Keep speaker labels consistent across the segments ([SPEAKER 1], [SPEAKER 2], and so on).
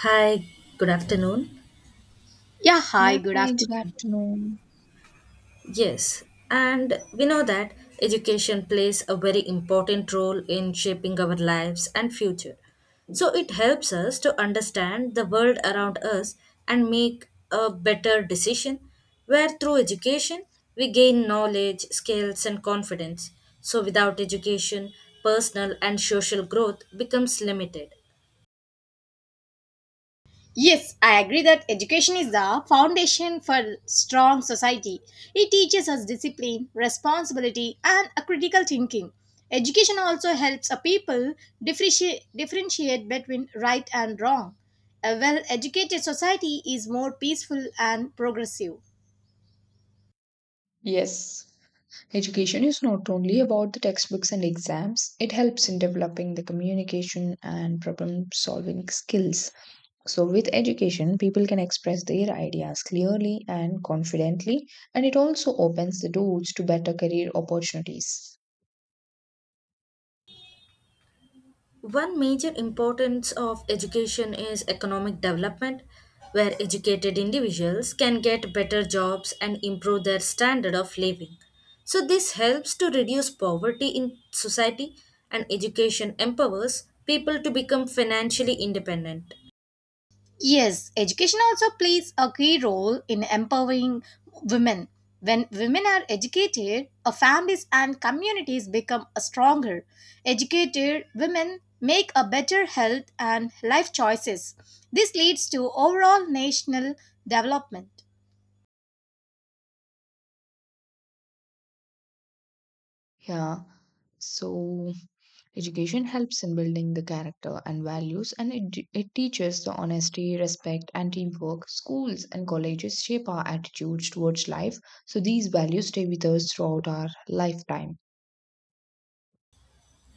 [SPEAKER 1] Hi, good afternoon.
[SPEAKER 2] Yeah, hi,
[SPEAKER 3] Yeah,
[SPEAKER 2] good
[SPEAKER 3] hi, good
[SPEAKER 2] afternoon.
[SPEAKER 3] afternoon.
[SPEAKER 1] Yes, and we know that education plays a very important role in shaping our lives and future. So it helps us to understand the world around us and make a better decision where through education we gain knowledge, skills and confidence. So without education, personal and social growth becomes limited.
[SPEAKER 2] Yes, I agree that education is the foundation for strong society. It teaches us discipline, responsibility, and a critical thinking. Education also helps a people differentiate between right and wrong. A well educated society is more peaceful and progressive.
[SPEAKER 3] Yes, education is not only about the textbooks and exams, it helps in developing the communication and problem solving skills. So, with education, people can express their ideas clearly and confidently, and it also opens the doors to better career opportunities.
[SPEAKER 1] One major importance of education is economic development, where educated individuals can get better jobs and improve their standard of living. So, this helps to reduce poverty in society, and education empowers people to become financially independent.
[SPEAKER 2] Yes, education also plays a key role in empowering women. When women are educated, our families and communities become stronger. Educated women make a better health and life choices. This leads to overall national development.
[SPEAKER 3] Yeah. So education helps in building the character and values and it teaches the honesty, respect and teamwork. Schools and colleges shape our attitudes towards life. So these values stay with us throughout our lifetime.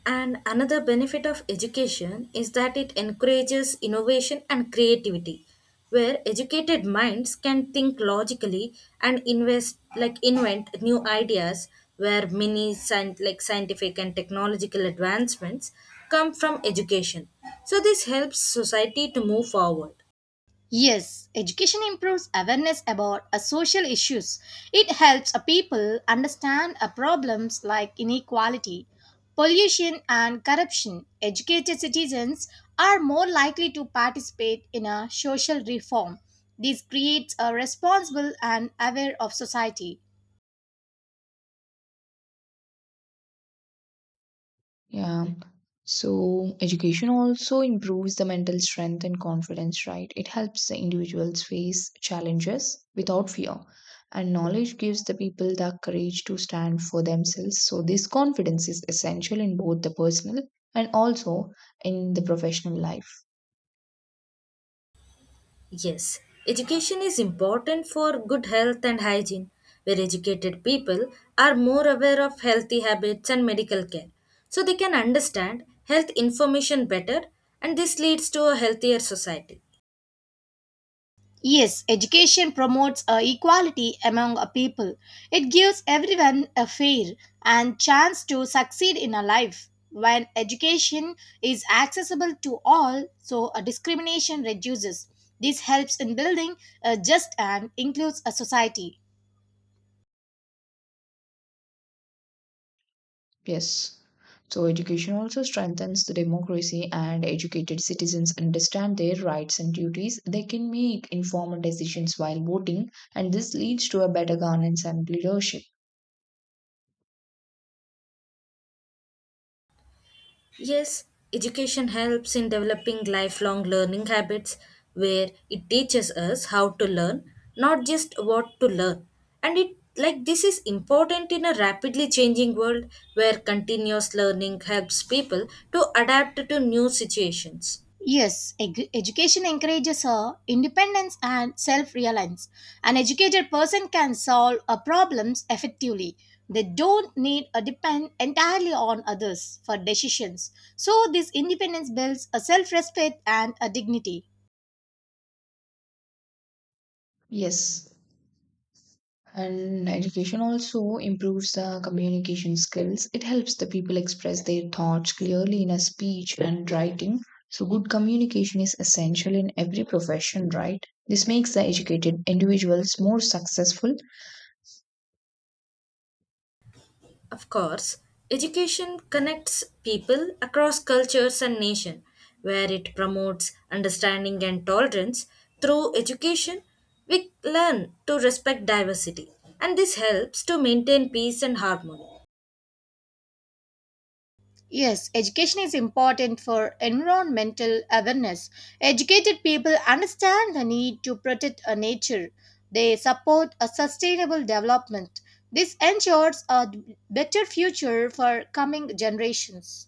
[SPEAKER 1] And another benefit of education is that it encourages innovation and creativity, where educated minds can think logically and invest like invent new ideas where many scientific and technological advancements come from education. So this helps society to move forward.
[SPEAKER 2] Yes, education improves awareness about social issues. It helps a people understand problems like inequality, pollution, and corruption. Educated citizens are more likely to participate in a social reform. This creates a responsible and aware of society.
[SPEAKER 3] Yeah. So education also improves the mental strength and confidence, right? It helps the individuals face challenges without fear. And knowledge gives the people the courage to stand for themselves. So this confidence is essential in both the personal and also in the professional life.
[SPEAKER 1] Yes, education is important for good health and hygiene, where educated people are more aware of healthy habits and medical care. So they can understand health information better, and this leads to a healthier society.
[SPEAKER 2] Yes, education promotes equality among a people. It gives everyone a fair and chance to succeed in a life. When education is accessible to all, so a discrimination reduces. This helps in building a just and includes a society.
[SPEAKER 3] Yes. So education also strengthens the democracy and educated citizens understand their rights and duties. They can make informed decisions while voting and this leads to a better governance and leadership.
[SPEAKER 1] Yes, education helps in developing lifelong learning habits where it teaches us how to learn, not just what to learn. And it like this is important in a rapidly changing world where continuous learning helps people to adapt to new situations.
[SPEAKER 2] Yes, education encourages independence and self reliance. An educated person can solve problems effectively. They don't need to depend entirely on others for decisions. So, this independence builds a self respect and a dignity.
[SPEAKER 3] Yes. And education also improves the communication skills. It helps the people express their thoughts clearly in a speech and writing. So good communication is essential in every profession, right? This makes the educated individuals more successful.
[SPEAKER 1] Of course, education connects people across cultures and nation, where it promotes understanding and tolerance. Through education, we learn to respect diversity, and this helps to maintain peace and harmony.
[SPEAKER 2] Yes, education is important for environmental awareness. Educated people understand the need to protect our nature. They support a sustainable development. This ensures a better future for coming generations.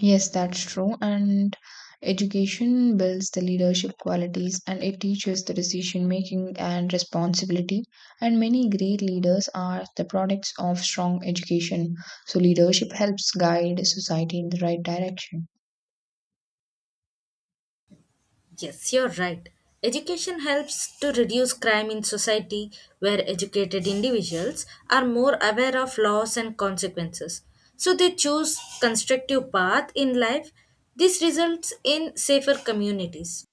[SPEAKER 3] Yes, that's true. And education builds the leadership qualities and it teaches the decision making and responsibility. And many great leaders are the products of strong education. So, leadership helps guide society in the right direction.
[SPEAKER 1] Yes, you're right. Education helps to reduce crime in society where educated individuals are more aware of laws and consequences. So they choose constructive path in life. This results in safer communities.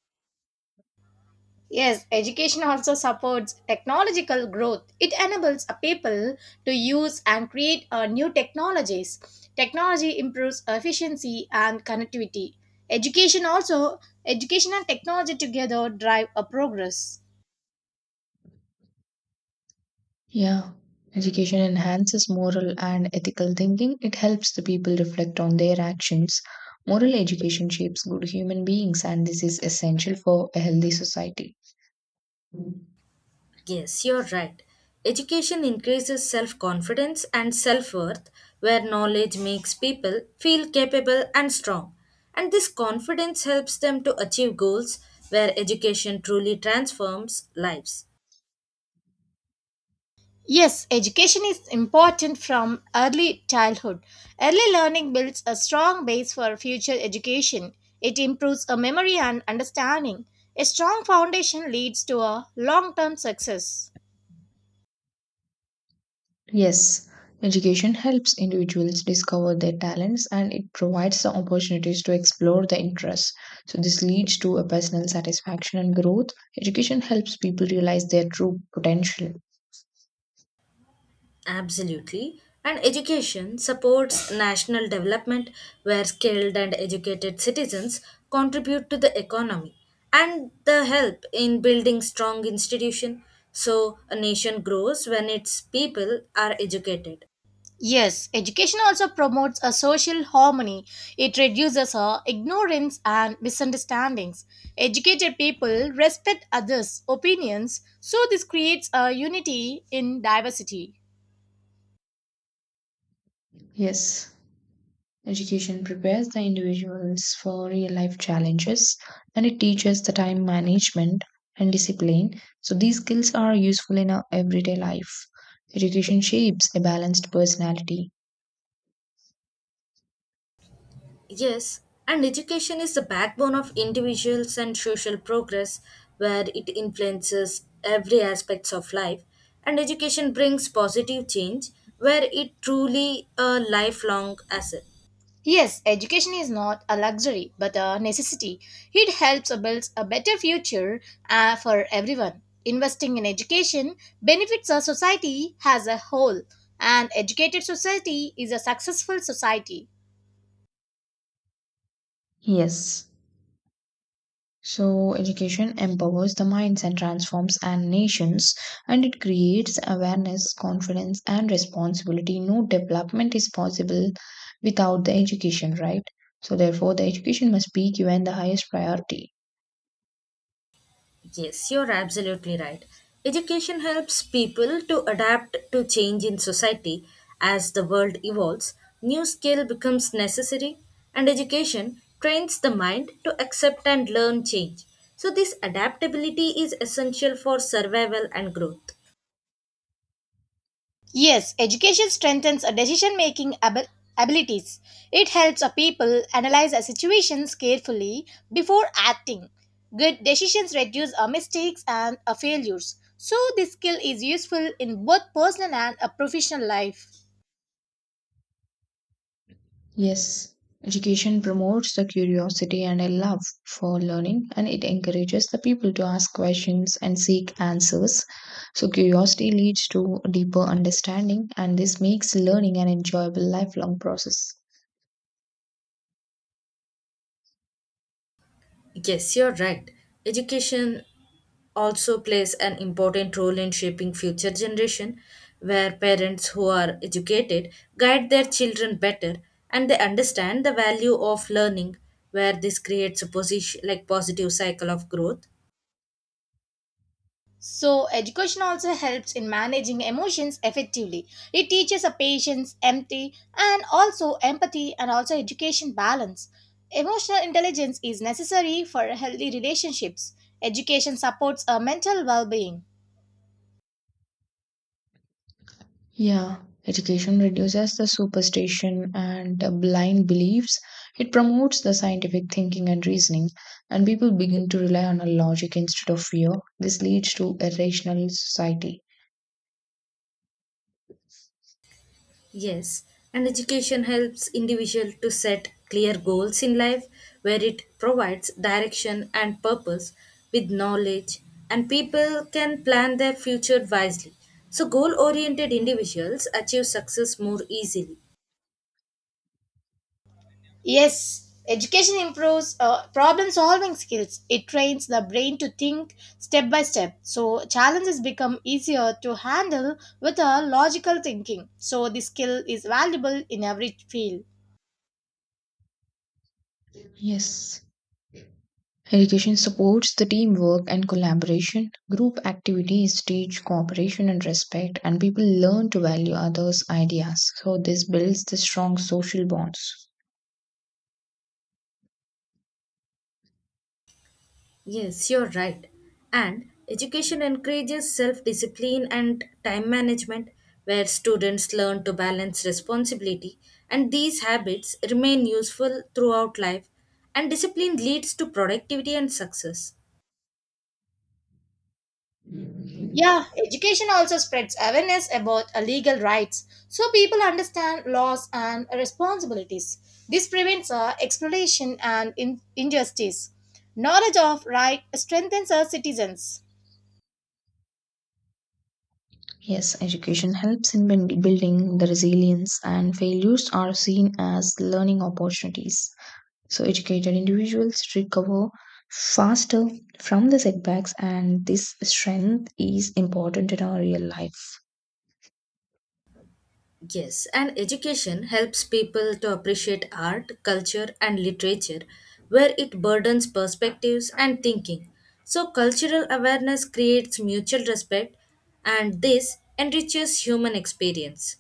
[SPEAKER 2] Yes, education also supports technological growth. It enables a people to use and create new technologies. Technology improves efficiency and connectivity. Education also, education and technology together drive a progress.
[SPEAKER 3] Yeah. Education enhances moral and ethical thinking. It helps the people reflect on their actions. Moral education shapes good human beings, and this is essential for a healthy society.
[SPEAKER 1] Yes, you're right. Education increases self-confidence and self-worth where knowledge makes people feel capable and strong. And this confidence helps them to achieve goals where education truly transforms lives.
[SPEAKER 2] Yes, education is important from early childhood. Early learning builds a strong base for future education. It improves a memory and understanding. A strong foundation leads to a long-term success.
[SPEAKER 3] Yes, education helps individuals discover their talents and it provides the opportunities to explore their interests. So, this leads to a personal satisfaction and growth. Education helps people realize their true potential.
[SPEAKER 1] Absolutely. And education supports national development where skilled and educated citizens contribute to the economy and the help in building strong institution so a nation grows when its people are educated.
[SPEAKER 2] Yes, education also promotes a social harmony. It reduces ignorance and misunderstandings. Educated people respect others' opinions, so this creates a unity in diversity.
[SPEAKER 3] Yes, education prepares the individuals for real life challenges and it teaches the time management and discipline. So, these skills are useful in our everyday life. Education shapes a balanced personality.
[SPEAKER 1] Yes, and education is the backbone of individuals and social progress where it influences every aspects of life and education brings positive change where it truly a lifelong asset.
[SPEAKER 2] Yes, education is not a luxury but a necessity. It helps build a better future for everyone. Investing in education benefits a society as a whole, and educated society is a successful society.
[SPEAKER 3] Yes. So, education empowers the minds and transforms and nations, and it creates awareness, confidence, and responsibility. No development is possible without the education, right? So, therefore, the education must be given the highest priority.
[SPEAKER 1] Yes, you're absolutely right. Education helps people to adapt to change in society as the world evolves. New skill becomes necessary, and education trains the mind to accept and learn change. So, this adaptability is essential for survival and growth.
[SPEAKER 2] Yes, education strengthens a decision making abilities. It helps a people analyze a situations carefully before acting. Good decisions reduce our mistakes and our failures. So this skill is useful in both personal and a professional life.
[SPEAKER 3] Yes, education promotes the curiosity and a love for learning, and it encourages the people to ask questions and seek answers. So, curiosity leads to deeper understanding, and this makes learning an enjoyable lifelong process.
[SPEAKER 1] Yes, you're right. Education also plays an important role in shaping future generation where parents who are educated guide their children better and they understand the value of learning where this creates a position like positive cycle of growth.
[SPEAKER 2] So, education also helps in managing emotions effectively. It teaches a patience, empathy and also education balance. Emotional intelligence is necessary for healthy relationships. Education supports a mental well being.
[SPEAKER 3] Yeah, education reduces the superstition and blind beliefs. It promotes the scientific thinking and reasoning, and people begin to rely on a logic instead of fear. This leads to a rational society.
[SPEAKER 1] Yes, and education helps individual to set clear goals in life where it provides direction and purpose with knowledge and people can plan their future wisely. So goal oriented individuals achieve success more easily.
[SPEAKER 2] Yes, education improves problem solving skills. It trains the brain to think step by step. So, challenges become easier to handle with a logical thinking. So, this skill is valuable in every field.
[SPEAKER 3] Yes. Education supports the teamwork and collaboration. Group activities teach cooperation and respect, and people learn to value others' ideas. So, this builds the strong social bonds.
[SPEAKER 1] Yes, you're right. And education encourages self discipline and time management, where students learn to balance responsibility, and these habits remain useful throughout life. And discipline leads to productivity and success.
[SPEAKER 2] Yeah, education also spreads awareness about legal rights so people understand laws and responsibilities. This prevents exploitation and injustice. Knowledge of right strengthens our citizens.
[SPEAKER 3] Yes, education helps in building the resilience, and failures are seen as learning opportunities. So, educated individuals recover faster from the setbacks, and this strength is important in our real life.
[SPEAKER 1] Yes, and education helps people to appreciate art, culture, and literature, where it burdens perspectives and thinking. So, cultural awareness creates mutual respect, and this enriches human experience.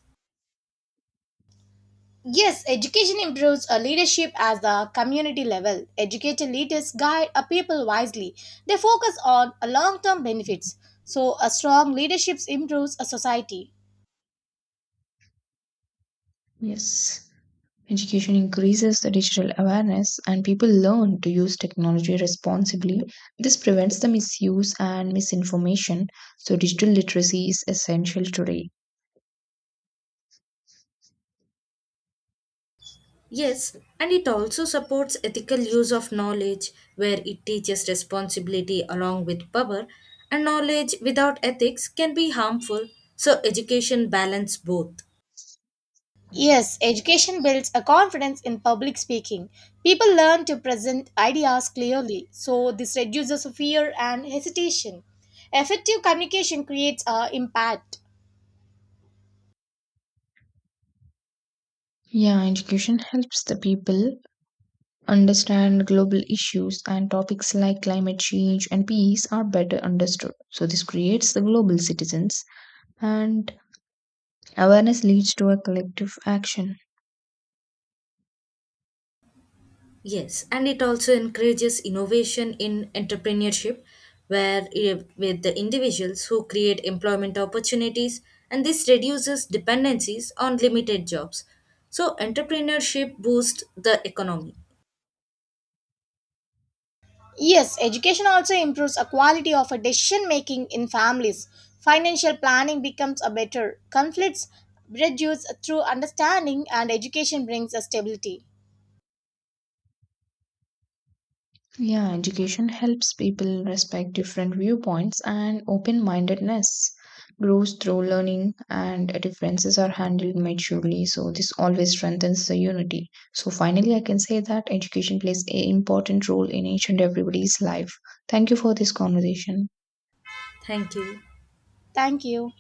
[SPEAKER 2] Yes, education improves a leadership at the community level. Educated leaders guide a people wisely. They focus on long term benefits. So, a strong leadership improves a society.
[SPEAKER 3] Yes, education increases the digital awareness, and people learn to use technology responsibly. This prevents the misuse and misinformation. So, digital literacy is essential today.
[SPEAKER 1] Yes, and it also supports ethical use of knowledge, where it teaches responsibility along with power, and knowledge without ethics can be harmful. So, education balance both.
[SPEAKER 2] Yes,
[SPEAKER 3] Yes.
[SPEAKER 2] education builds a confidence in public speaking. People learn to present ideas clearly, so this reduces fear and hesitation. Effective communication creates a impact.
[SPEAKER 3] Yeah, education helps the people understand global issues and topics like climate change and peace are better understood. So, this creates the global citizens, and awareness leads to a collective action.
[SPEAKER 1] Yes, and it also encourages innovation in entrepreneurship, where with the individuals who create employment opportunities, and this reduces dependencies on limited jobs. So, entrepreneurship boosts the economy.
[SPEAKER 2] Yes, education also improves a quality of a decision making in families. Financial planning becomes a better. Conflicts reduce through understanding and education brings a stability.
[SPEAKER 3] Yeah, education helps people respect different viewpoints and open mindedness grows through learning and differences are handled maturely. So, this always strengthens the unity. So, finally, I can say that education plays an important role in each and everybody's life. Thank you for this conversation.
[SPEAKER 1] Thank you.
[SPEAKER 2] Thank you.